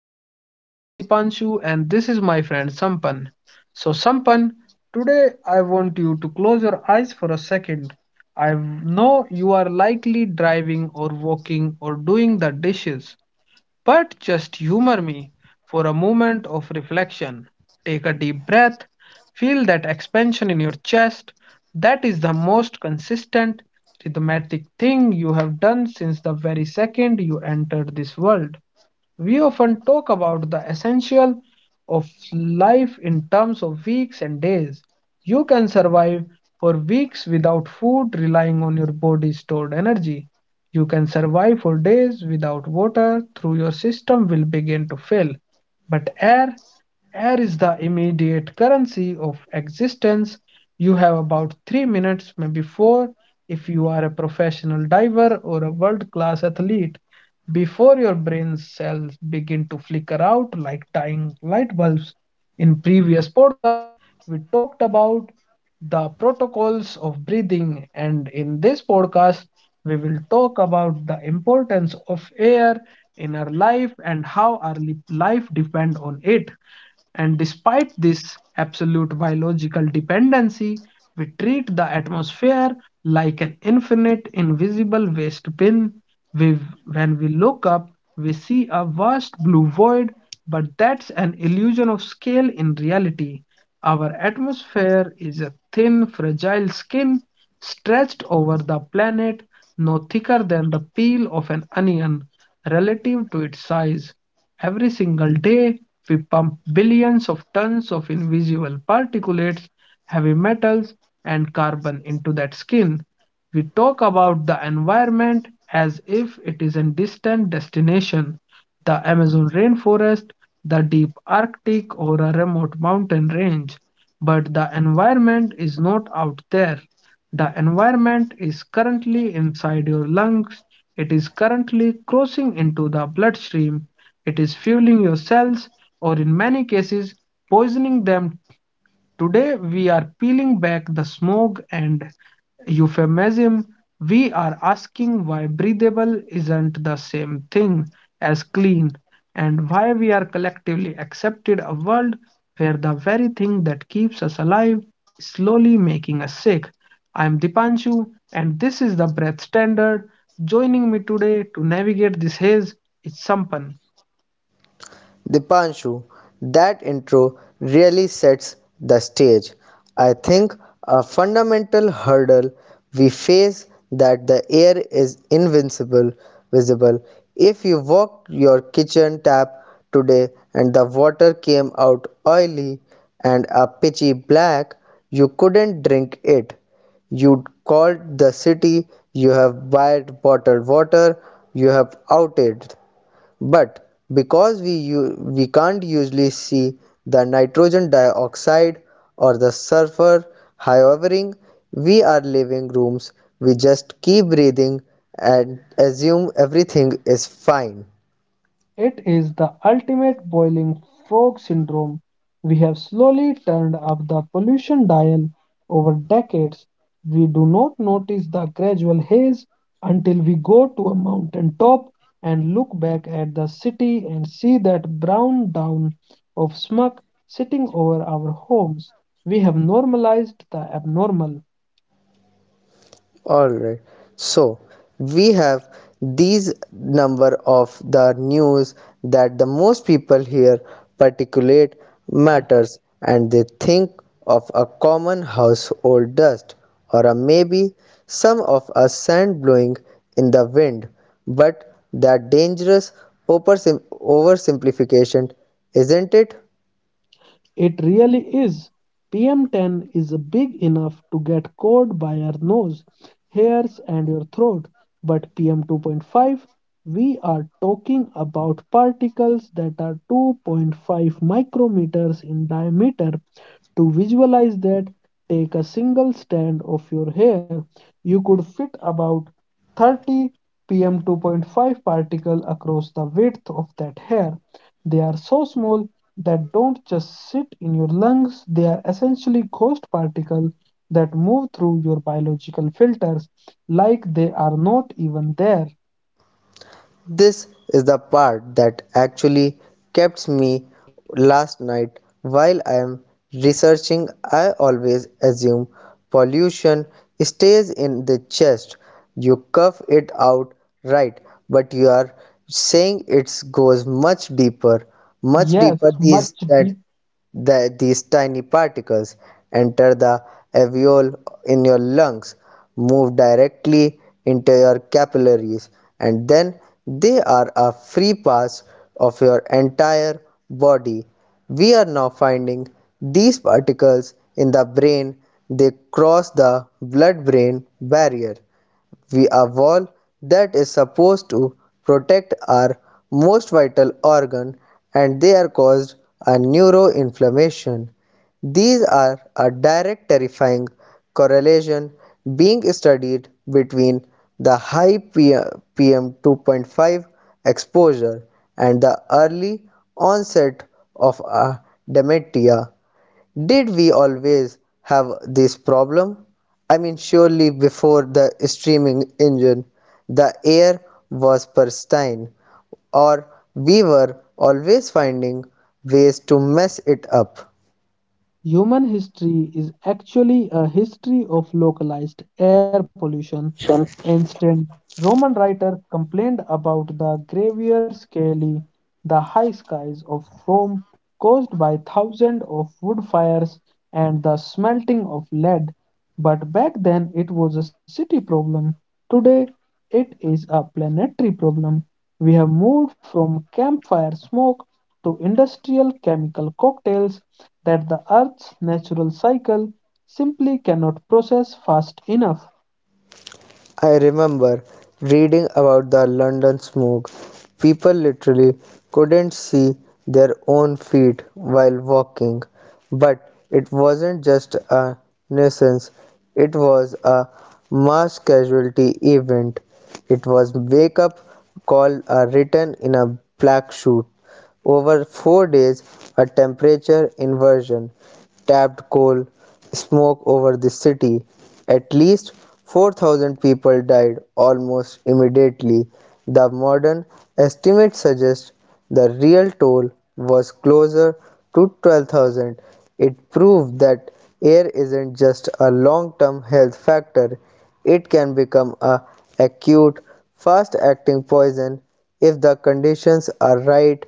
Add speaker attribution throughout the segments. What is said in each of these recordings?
Speaker 1: And my name is Dipanshu, and this is my friend Sampan. So, Sampan, today I want you to close your eyes for a second. I know you are likely driving or walking or doing the dishes, but just humor me for a moment of reflection. Take a deep breath, feel that expansion in your chest. That is the most consistent, rhythmatic thing you have done since the very second you entered this world. We often talk about the essential of life in terms of weeks and days. You can survive for weeks without food, relying on your body's stored energy. You can survive for days without water, though your system will begin to fail. But air, air is the immediate currency of existence. You have about 3 minutes, maybe four, if you are a professional diver or a world class athlete, before your brain cells begin to flicker out like dying light bulbs. In previous podcast, we talked about the protocols of breathing, and in this podcast, we will talk about the importance of air in our life and how our life depend on it. And despite this absolute biological dependency, we treat the atmosphere like an infinite invisible waste bin. We, when we look up, we see a vast blue void, but that's an illusion of scale in reality. Our atmosphere is a thin, fragile skin stretched over the planet, no thicker than the peel of an onion relative to its size. Every single day, we pump billions of tons of invisible particulates, heavy metals, and carbon into that skin. We talk about the environment as if it is a distant destination, the Amazon rainforest, the deep Arctic, or a remote mountain range. But the environment is not out there. The environment is currently inside your lungs. It is currently crossing into the bloodstream. It is fueling your cells, or in many cases, poisoning them. Today, we are peeling back the smog and euphemism, we are asking why breathable isn't the same thing as clean and why we are collectively accepted a world where the very thing that keeps us alive is slowly making us sick. I'm Dipanshu and this is the Breath Standard. Joining me today to navigate this haze is Sampan.
Speaker 2: Dipanshu, that intro really sets the stage. I think a fundamental hurdle we face that the air is invincible visible. If you walked your kitchen tap today and the water came out oily and a pitchy black, you couldn't drink it. You'd called the city, you have bought bottled water, you have outed but because we can't usually see the nitrogen dioxide or the sulfur hoovering we are living rooms we just keep breathing and assume everything is fine.
Speaker 1: It is the ultimate boiling frog syndrome. We have slowly turned up the pollution dial over decades. We do not notice the gradual haze until we go to a mountain top and look back at the city and see that brown down of smog sitting over our homes. We have normalized the abnormal.
Speaker 2: Alright, so we have these number of the news that the most people hear particulate matters and they think of a common household dust or a maybe some of a sand blowing in the wind but that dangerous oversimplification, isn't it?
Speaker 1: It really is. PM10 is big enough to get caught by your nose, hairs, and your throat, but PM2.5, we are talking about particles that are 2.5 micrometers in diameter to visualize that, take a single strand of your hair. You could fit about 30 pm 2.5 particle across the width of that hair. They are so small that don't just sit in your lungs, they are essentially ghost particles that move through your biological filters like they are not even there.
Speaker 2: This is the part that actually kept me last night while I am researching. I always assume pollution stays in the chest. You cough it out, right? But you are saying it goes much deeper, much
Speaker 1: Yes,
Speaker 2: deeper, these
Speaker 1: much.
Speaker 2: that that these tiny particles enter the alveoli in your lungs, move directly into your capillaries, and then they are a free pass of your entire body. We are now finding these particles in the brain. They cross the blood brain barrier, we a wall that is supposed to protect our most vital organ and they are caused a neuroinflammation. These are a direct terrifying correlation being studied between the high PM 2.5 exposure and the early onset of a dementia. Did we always have this problem? I mean, surely before the streaming engine, the air was pristine, or we were always finding ways to mess it up.
Speaker 1: Human history is actually a history of localized air pollution. Ancient Roman writers complained about the gravier scaly, the high skies of Rome caused by thousands of wood fires and the smelting of lead. But back then it was a city problem. Today it is a planetary problem. We have moved from campfire smoke to industrial chemical cocktails that the Earth's natural cycle simply cannot process fast enough.
Speaker 2: I remember reading about the London smoke. People literally couldn't see their own feet while walking. But it wasn't just a nuisance, it was a mass casualty event. It was wake up call written in a black suit. Over 4 days, a temperature inversion tapped coal smoke over the city. At least 4,000 people died almost immediately. The modern estimates suggest the real toll was closer to 12,000. It proved that air isn't just a long term health factor, it can become a acute, fast-acting poison if the conditions are right.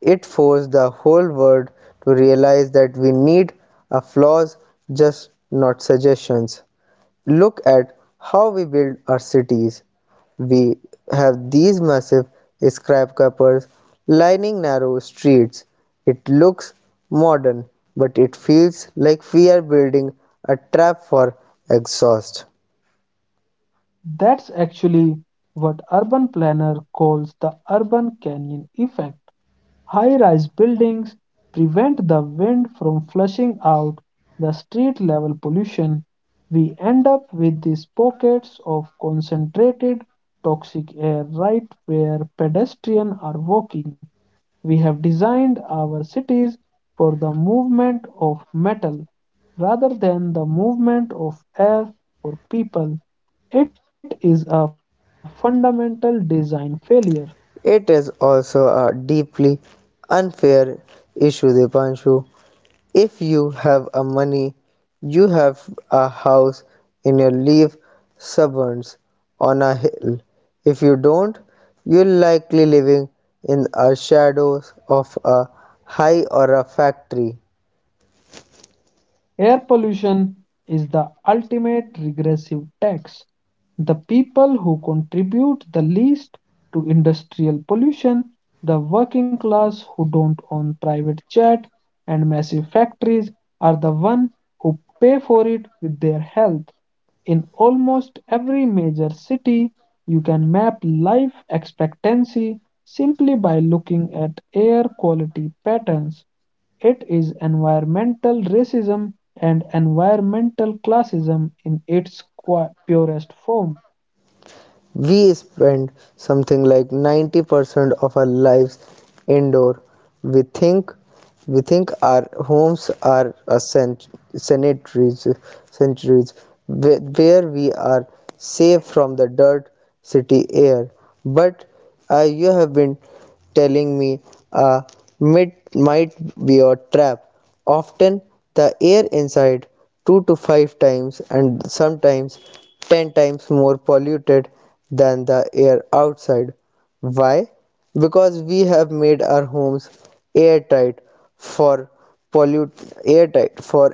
Speaker 2: It forces the whole world to realize that we need a flaws just not suggestions. Look at how we build our cities. We have these massive skyscrapers lining narrow streets. It looks modern, but it feels like we are building a trap for exhaust.
Speaker 1: That's actually what urban planner calls the urban canyon effect. High rise buildings prevent the wind from flushing out the street level pollution. We end up with these pockets of concentrated toxic air right where pedestrians are walking. We have designed our cities for the movement of metal rather than the movement of air or people. It is a fundamental design failure.
Speaker 2: It is also a deeply unfair issue, Dipanshu. If you have a money, you have a house in your leaf suburbs on a hill. If you don't, you're likely living in the shadows of a high or a factory.
Speaker 1: Air pollution is the ultimate regressive tax. The people who contribute the least to industrial pollution, the working class who don't own private jet and massive factories, are the ones who pay for it with their health. In almost every major city, you can map life expectancy simply by looking at air quality patterns. It is environmental racism and environmental classism in its purest form.
Speaker 2: We spend something like 90% of our lives indoor. We think we think our homes are a sanitaries, centuries, where we are safe from the dirt city air, but you have been telling me, uh, it might be a trap. Often the air inside two to five times and sometimes 10 times more polluted than the air outside. Why? Because we have made our homes airtight for pollute airtight for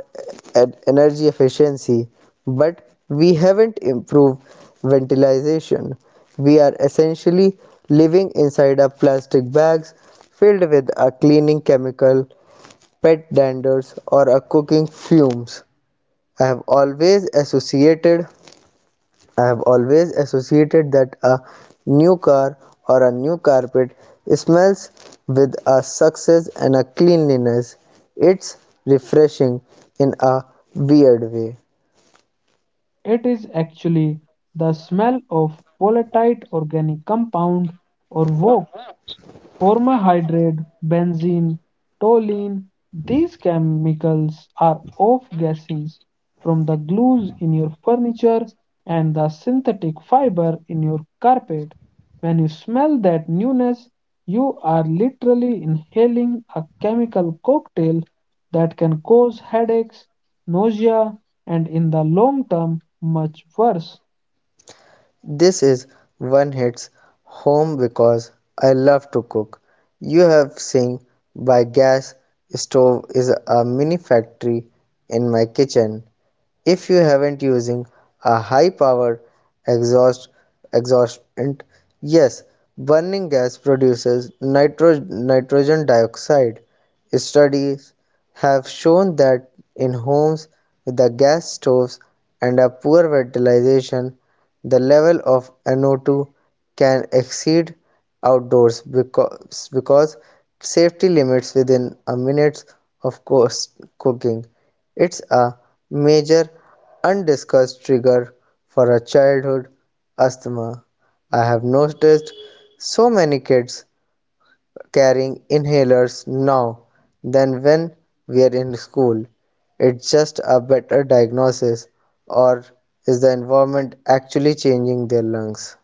Speaker 2: energy efficiency, but we haven't improved ventilation. We are essentially living inside our plastic bags filled with a cleaning chemical, pet danders or a cooking fumes. I have always associated I have always associated that a new car or a new carpet smells with a success and a cleanliness. It's refreshing in a weird way.
Speaker 1: It is actually the smell of volatile organic compound or VOC formaldehyde, benzene, toluene. These chemicals are off-gassing from the glues in your furniture and the synthetic fiber in your carpet. When you smell that newness, you are literally inhaling a chemical cocktail that can cause headaches, nausea, and in the long term, much worse.
Speaker 2: This is one hits home because I love to cook. You have seen by gas stove is a mini factory in my kitchen. If you haven't using a high power exhaust exhaustant, yes, burning gas produces nitrogen dioxide. Studies have shown that in homes with the gas stoves and a poor ventilation, the level of NO2 can exceed outdoors because safety limits within a minute of course cooking. It's a major undiscussed trigger for a childhood asthma. I have noticed so many kids carrying inhalers now than when we are in school. It's just a better diagnosis, or is the environment actually changing their lungs?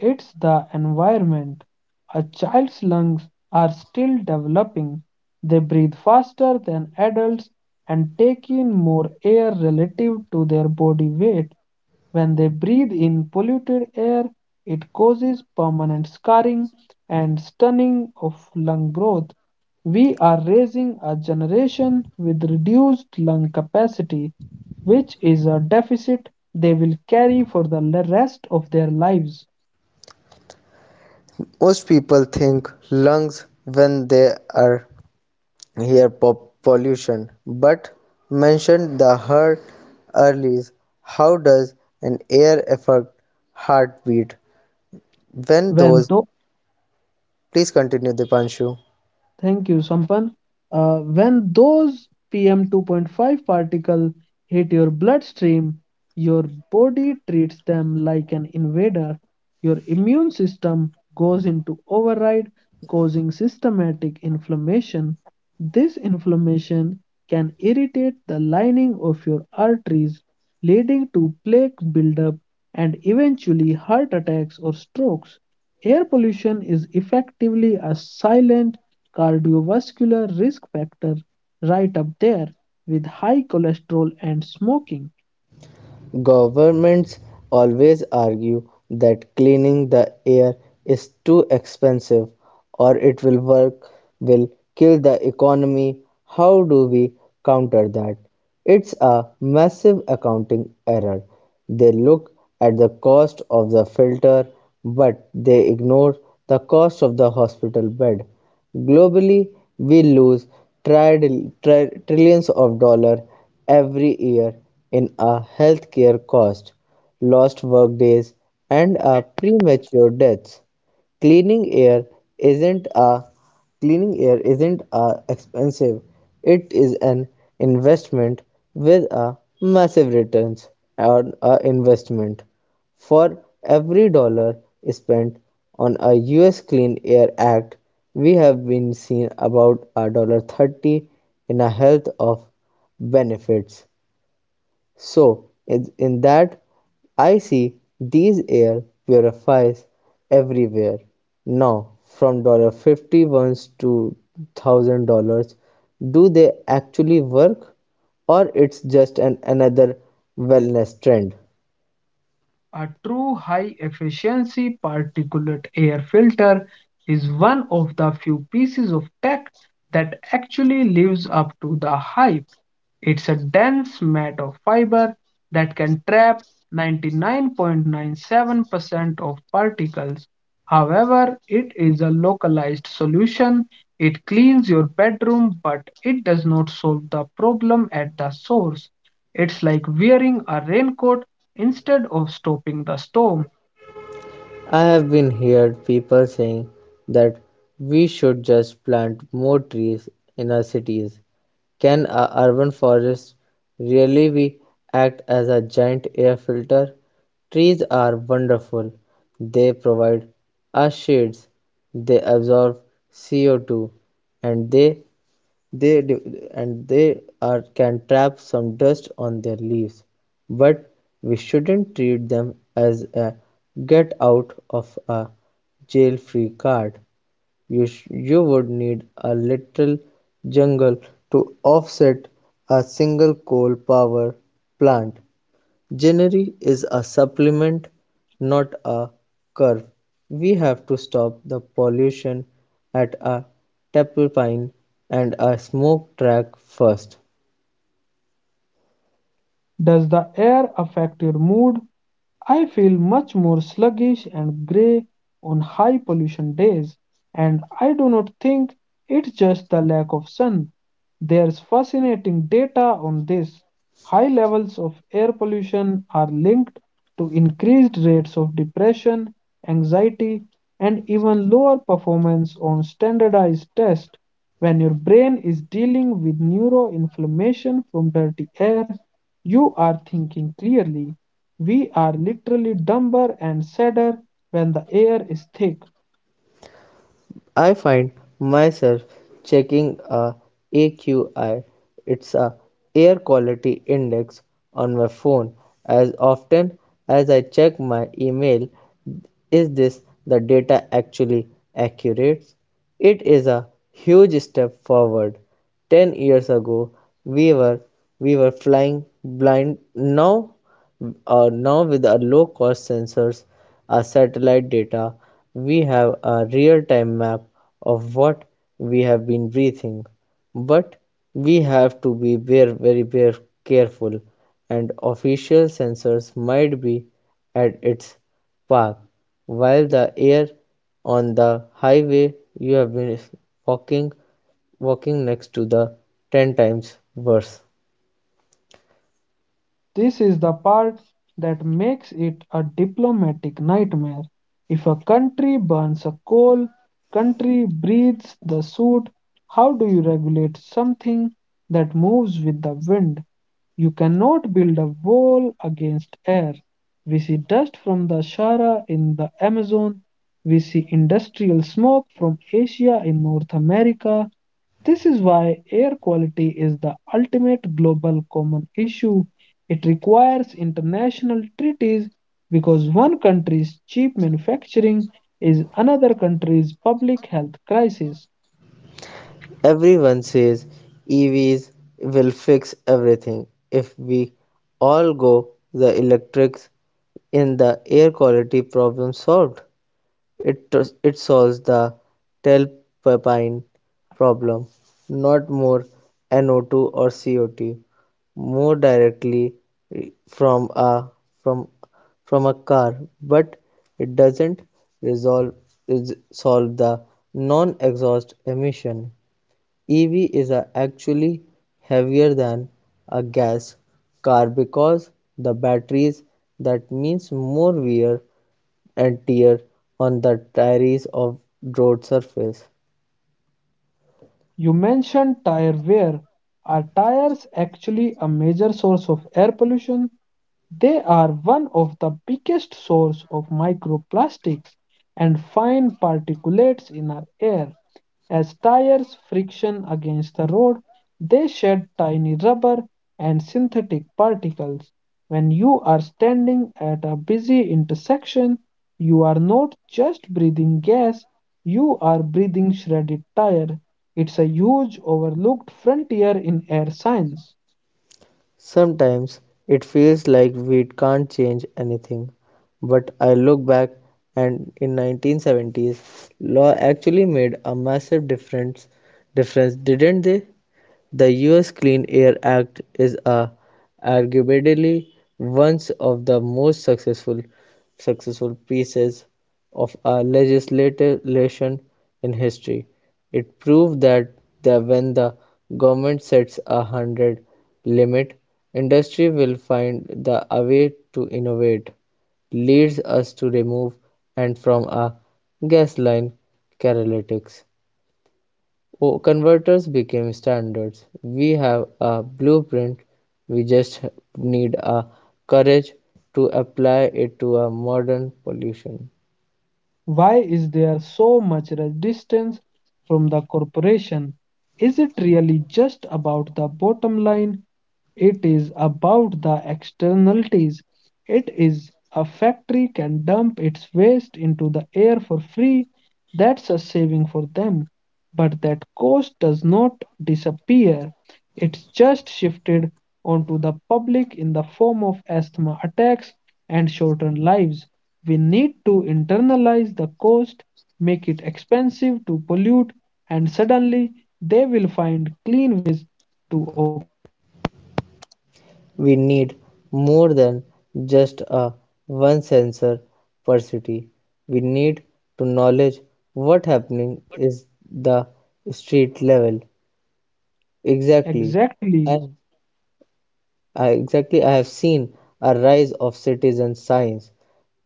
Speaker 1: It's the environment. A child's lungs are still developing. They breathe faster than adults and take in more air relative to their body weight. When they breathe in polluted air, it causes permanent scarring and stunning of lung growth. We are raising a generation with reduced lung capacity, which is a deficit they will carry for the rest of their lives.
Speaker 2: Most people think lungs when they are air pollution, but mentioned the heart early. How does an air affect heartbeat? When
Speaker 1: When
Speaker 2: those,
Speaker 1: though
Speaker 2: please continue, Dipanshu.
Speaker 1: Thank you, Sampan. When those PM 2.5 particle hit your bloodstream, your body treats them like an invader. Your immune system goes into override, causing systematic inflammation. This inflammation can irritate the lining of your arteries, leading to plaque buildup and eventually heart attacks or strokes. Air pollution is effectively a silent cardiovascular risk factor right up there with high cholesterol and smoking.
Speaker 2: Governments always argue that cleaning the air is too expensive or it will work, will kill the economy. How do we counter that? It's a massive accounting error. They look at the cost of the filter, but they ignore the cost of the hospital bed. Globally, we lose trillions of dollars every year in our healthcare cost, lost workdays, and our premature deaths. Cleaning air isn't a Cleaning air isn't a expensive. It is an investment with a massive returns on a investment. For every dollar spent on a US Clean Air Act, we have been seen about a dollar 30 in a health of benefits. So, in that, I see these air purifiers everywhere. Now, from $51 to $1,000 do they actually work or it's just another wellness trend?
Speaker 1: A true high efficiency particulate air filter is one of the few pieces of tech that actually lives up to the hype. It's a dense mat of fiber that can trap 99.97% of particles. However, it is a localized solution. It cleans your bedroom, but it does not solve the problem at the source. It's like wearing a raincoat instead of stopping the storm.
Speaker 2: I have been heard people saying that we should just plant more trees in our cities. Can a urban forests really be act as a giant air filter? Trees are wonderful. They provide us shades, they absorb CO2, and they and they are can trap some dust on their leaves, but we shouldn't treat them as a get out of a jail free card. You would need a little jungle to offset a single coal power plant. Ginnery is a supplement, not a curve. We have to stop the pollution at a tailpipe and a smoke track first.
Speaker 1: Does the air affect your mood? I feel much more sluggish and grey on high pollution days, and I do not think it's just the lack of sun. There's fascinating data on this. High levels of air pollution are linked to increased rates of depression, anxiety, and even lower performance on standardized tests. When your brain is dealing with neuroinflammation from dirty air, you are thinking clearly we are literally dumber and sadder when the air is thick.
Speaker 2: I find myself checking a AQI, it's a air quality index, on my phone as often as I check my email. Is this the data actually accurate? It is a huge step forward. 10 years ago we were we were flying blind. Now, with our low-cost sensors, our satellite data, we have a real-time map of what we have been breathing. But we have to be very, very, very careful, and official sensors might be at its park, while the air on the highway you have been walking walking next to the 10 times worse.
Speaker 1: This is the part that makes it a diplomatic nightmare. If a country burns a coal, country breathes the soot, how do you regulate something that moves with the wind? You cannot build a wall against air. We see dust from the Sahara in the Amazon. We see industrial smoke from Asia in North America. This is why air quality is the ultimate global common issue. It requires international treaties because one country's cheap manufacturing is another country's public health crisis.
Speaker 2: Everyone says EVs will fix everything. If we all go the electrics, in the air quality problem solved. It it solves the tailpipine problem, not more NO-two or CO-two, more directly from a from from a car, but it doesn't resolve solve the non-exhaust emission. EV is a actually heavier than a gas car because the batteries, that means more wear and tear on the diaries of road surface.
Speaker 1: You mentioned tire wear. Are tires actually a major source of air pollution? They are one of the biggest source of microplastics and fine particulates in our air. As tires friction against the road, they shed tiny rubber and synthetic particles. When you are standing at a busy intersection, you are not just breathing gas, you are breathing shredded tire. It's a huge overlooked frontier in air science.
Speaker 2: Sometimes it feels like we can't change anything, but I look back and in 1970s law actually made a massive difference, didn't they? The US Clean Air Act is a arguably one of the most successful pieces of a legislation in history. It proved that when the government sets a hundred limit, industry will find the a way to innovate. Leads us to remove and from a gas line catalytics. Oh, converters became standards. We have a blueprint, we just need a courage to apply it to a modern pollution.
Speaker 1: Why is there so much resistance from the corporation? Is it really just about the bottom line? It is about the externalities. It is a factory can dump its waste into the air for free. That's a saving for them. But that cost does not disappear. It's just shifted onto the public in the form of asthma attacks and shortened lives. We need to internalize the cost, make it expensive to pollute, and suddenly they will find clean ways to.
Speaker 2: We need more than just a one sensor per city. We need to knowledge what happening is the street level, exactly.
Speaker 1: Exactly.
Speaker 2: And I have seen a rise of citizen science,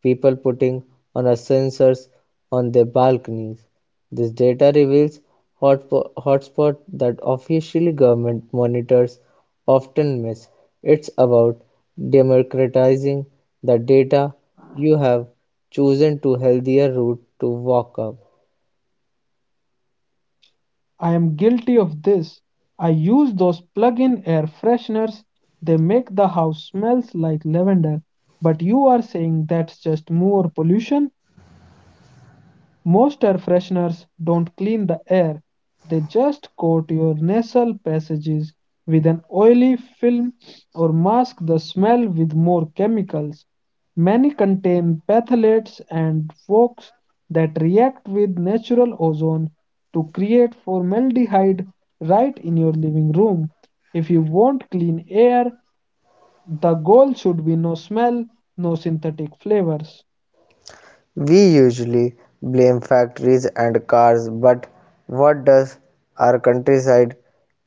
Speaker 2: people putting on a sensors on their balconies. This data reveals hotspot that officially government monitors often miss. It's about democratizing the data, you have chosen to healthier route to walk up.
Speaker 1: I am guilty of this. I use those plug-in air fresheners. They make the house smells like lavender. But you are saying that's just more pollution? Most air fresheners don't clean the air, they just coat your nasal passages with an oily film or mask the smell with more chemicals. Many contain phthalates and folks that react with natural ozone to create formaldehyde right in your living room. If you want clean air, the goal should be no smell, no synthetic flavors.
Speaker 2: We usually blame factories and cars, but what does our countryside?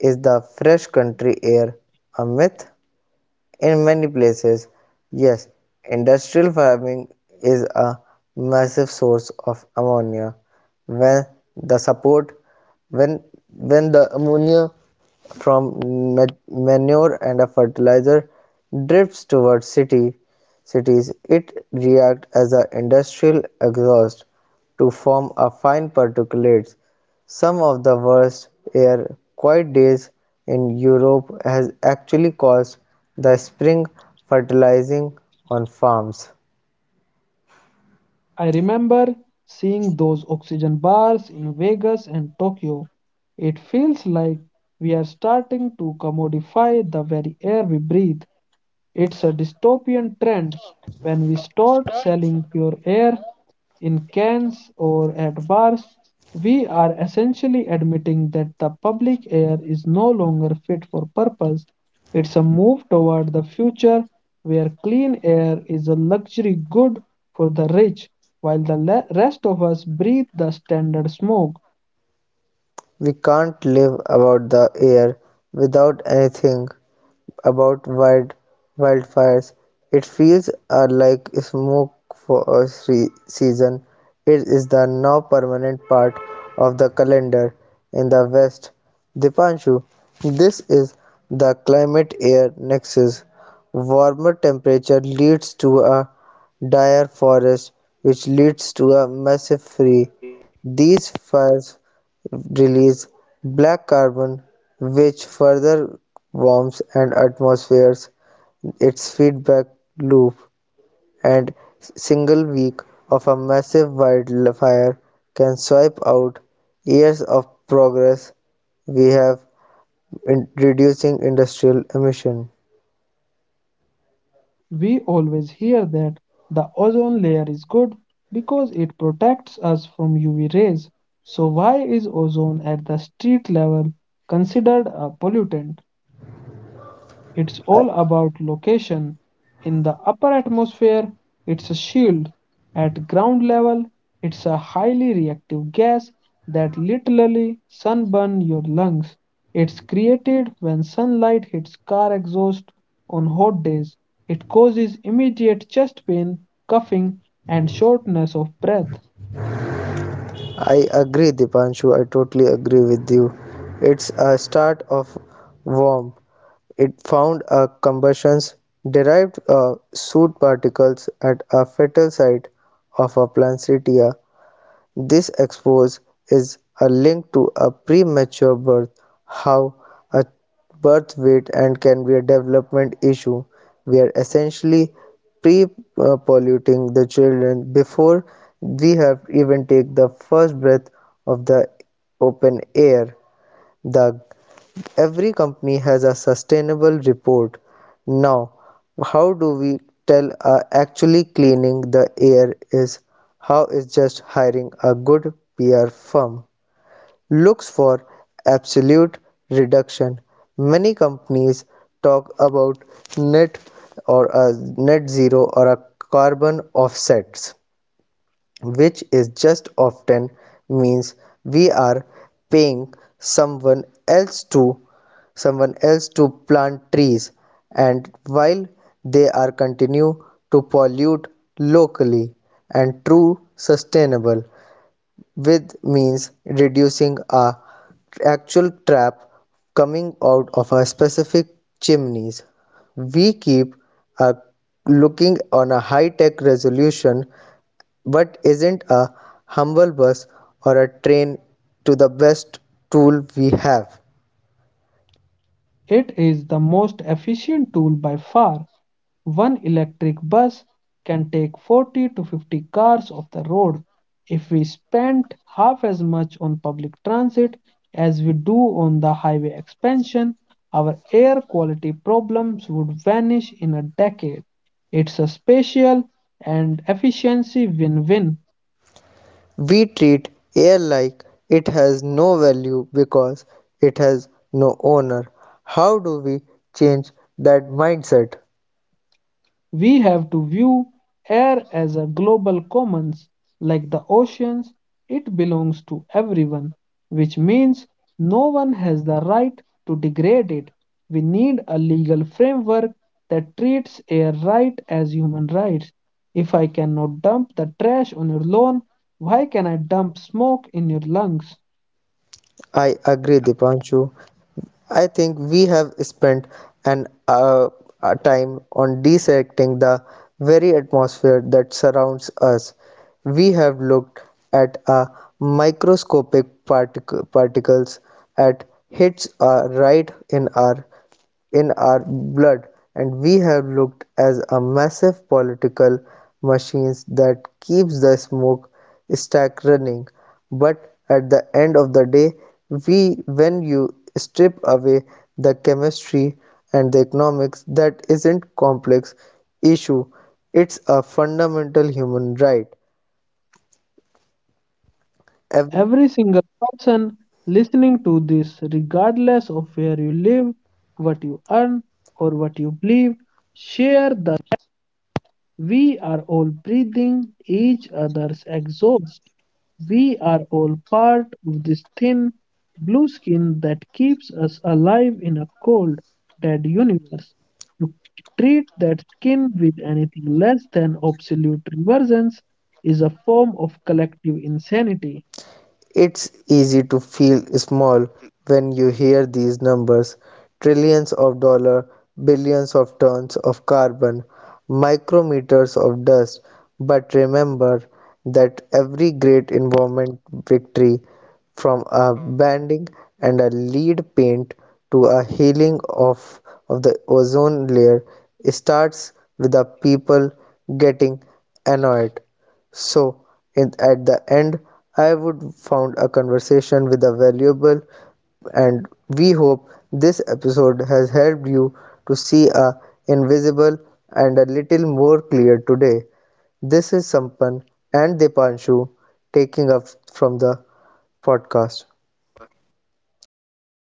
Speaker 2: Is the fresh country air a myth? In many places, yes, industrial farming is a massive source of ammonia, when the support when when the ammonia from manure and a fertilizer drifts towards city cities. It reacts as an industrial exhaust to form a fine particulates. Some of the worst air quiet days in Europe has actually caused the spring fertilizing on farms.
Speaker 1: I remember seeing those oxygen bars in Vegas and Tokyo. It feels like we are starting to commodify the very air we breathe. It's a dystopian trend when we start selling pure air in cans or at bars, we are essentially admitting that the public air is no longer fit for purpose. It's a move toward the future where clean air is a luxury good for the rich, while the rest of us breathe the standard smoke.
Speaker 2: We can't live about the air without anything about wildfires. It feels like smoke for a season. It is the now permanent part of the calendar in the West. Dipanshu, this is the climate air nexus. Warmer temperature leads to a dire forest, which leads to a massive free. These fires release black carbon which further warms and atmospheres its feedback loop. And single week of a massive wildfire can swipe out years of progress we have in reducing industrial emission.
Speaker 1: We always hear that the ozone layer is good because it protects us from UV rays. So, why is ozone at the street level considered a pollutant? It's all about location. In the upper atmosphere, it's a shield. At ground level, it's a highly reactive gas that literally sunburns your lungs. It's created when sunlight hits car exhaust on hot days. It causes immediate chest pain, coughing, and shortness of breath.
Speaker 2: I agree, Dipanshu. I totally agree with you. It's a start of warm. It found a combustions derived soot particles at a fatal site of a Poinsettia. This expose is a link to a premature birth, how a birth weight and can be a development issue. We are essentially pre-polluting the children before we have even take the first breath of the open air. The every company has a sustainable report. Now, how do we tell actually cleaning the air is? How is just hiring a good PR firm? Looks for absolute reduction. Many companies talk about net or a net zero or a carbon offsets, which is just often means we are paying someone else to someone else to plant trees, and while they are continue to pollute locally. And true sustainable with means reducing a actual trap coming out of a specific chimneys. We keep a looking on a high tech resolution what isn't a humble bus or a train to the best tool we have?
Speaker 1: It is the most efficient tool by far. One electric bus can take 40 to 50 cars off the road. If we spent half as much on public transit as we do on the highway expansion, our air quality problems would vanish in a decade. It's a spatial and efficiency win win.
Speaker 2: We treat air like it has no value because it has no owner. How do we change that mindset?
Speaker 1: We have to view air as a global commons, like the oceans, it belongs to everyone, which means no one has the right to degrade it. We need a legal framework that treats air right as human rights. If I cannot dump the trash on your lawn, why can I dump smoke in your lungs?
Speaker 2: I agree, Dipanshu. I think we have spent an a time on dissecting the very atmosphere that surrounds us. We have looked at a microscopic particles at hits are right in our blood, and we have looked as a massive political machines that keeps the smoke stack running. But at the end of the day, we when you strip away the chemistry and the economics, that isn't complex issue. It's a fundamental human right, every.
Speaker 1: Every single person listening to this, regardless of where you live, what you earn, or what you believe, share the we are all breathing each other's exhaust. We are all part of this thin blue skin that keeps us alive in a cold, dead universe. To treat that skin with anything less than absolute reverence is a form of collective insanity.
Speaker 2: It's easy to feel small when you hear these numbers, trillions of dollars, billions of tons of carbon, micrometers of dust. But remember that every great environment victory, from a banding and a lead paint to a healing of the ozone layer, starts with the people getting annoyed. So at the end, I would found a conversation with a valuable, and we hope this episode has helped you to see a invisible and a little more clear today. This is Sampan and Dipanshu taking up from the podcast. Thank you.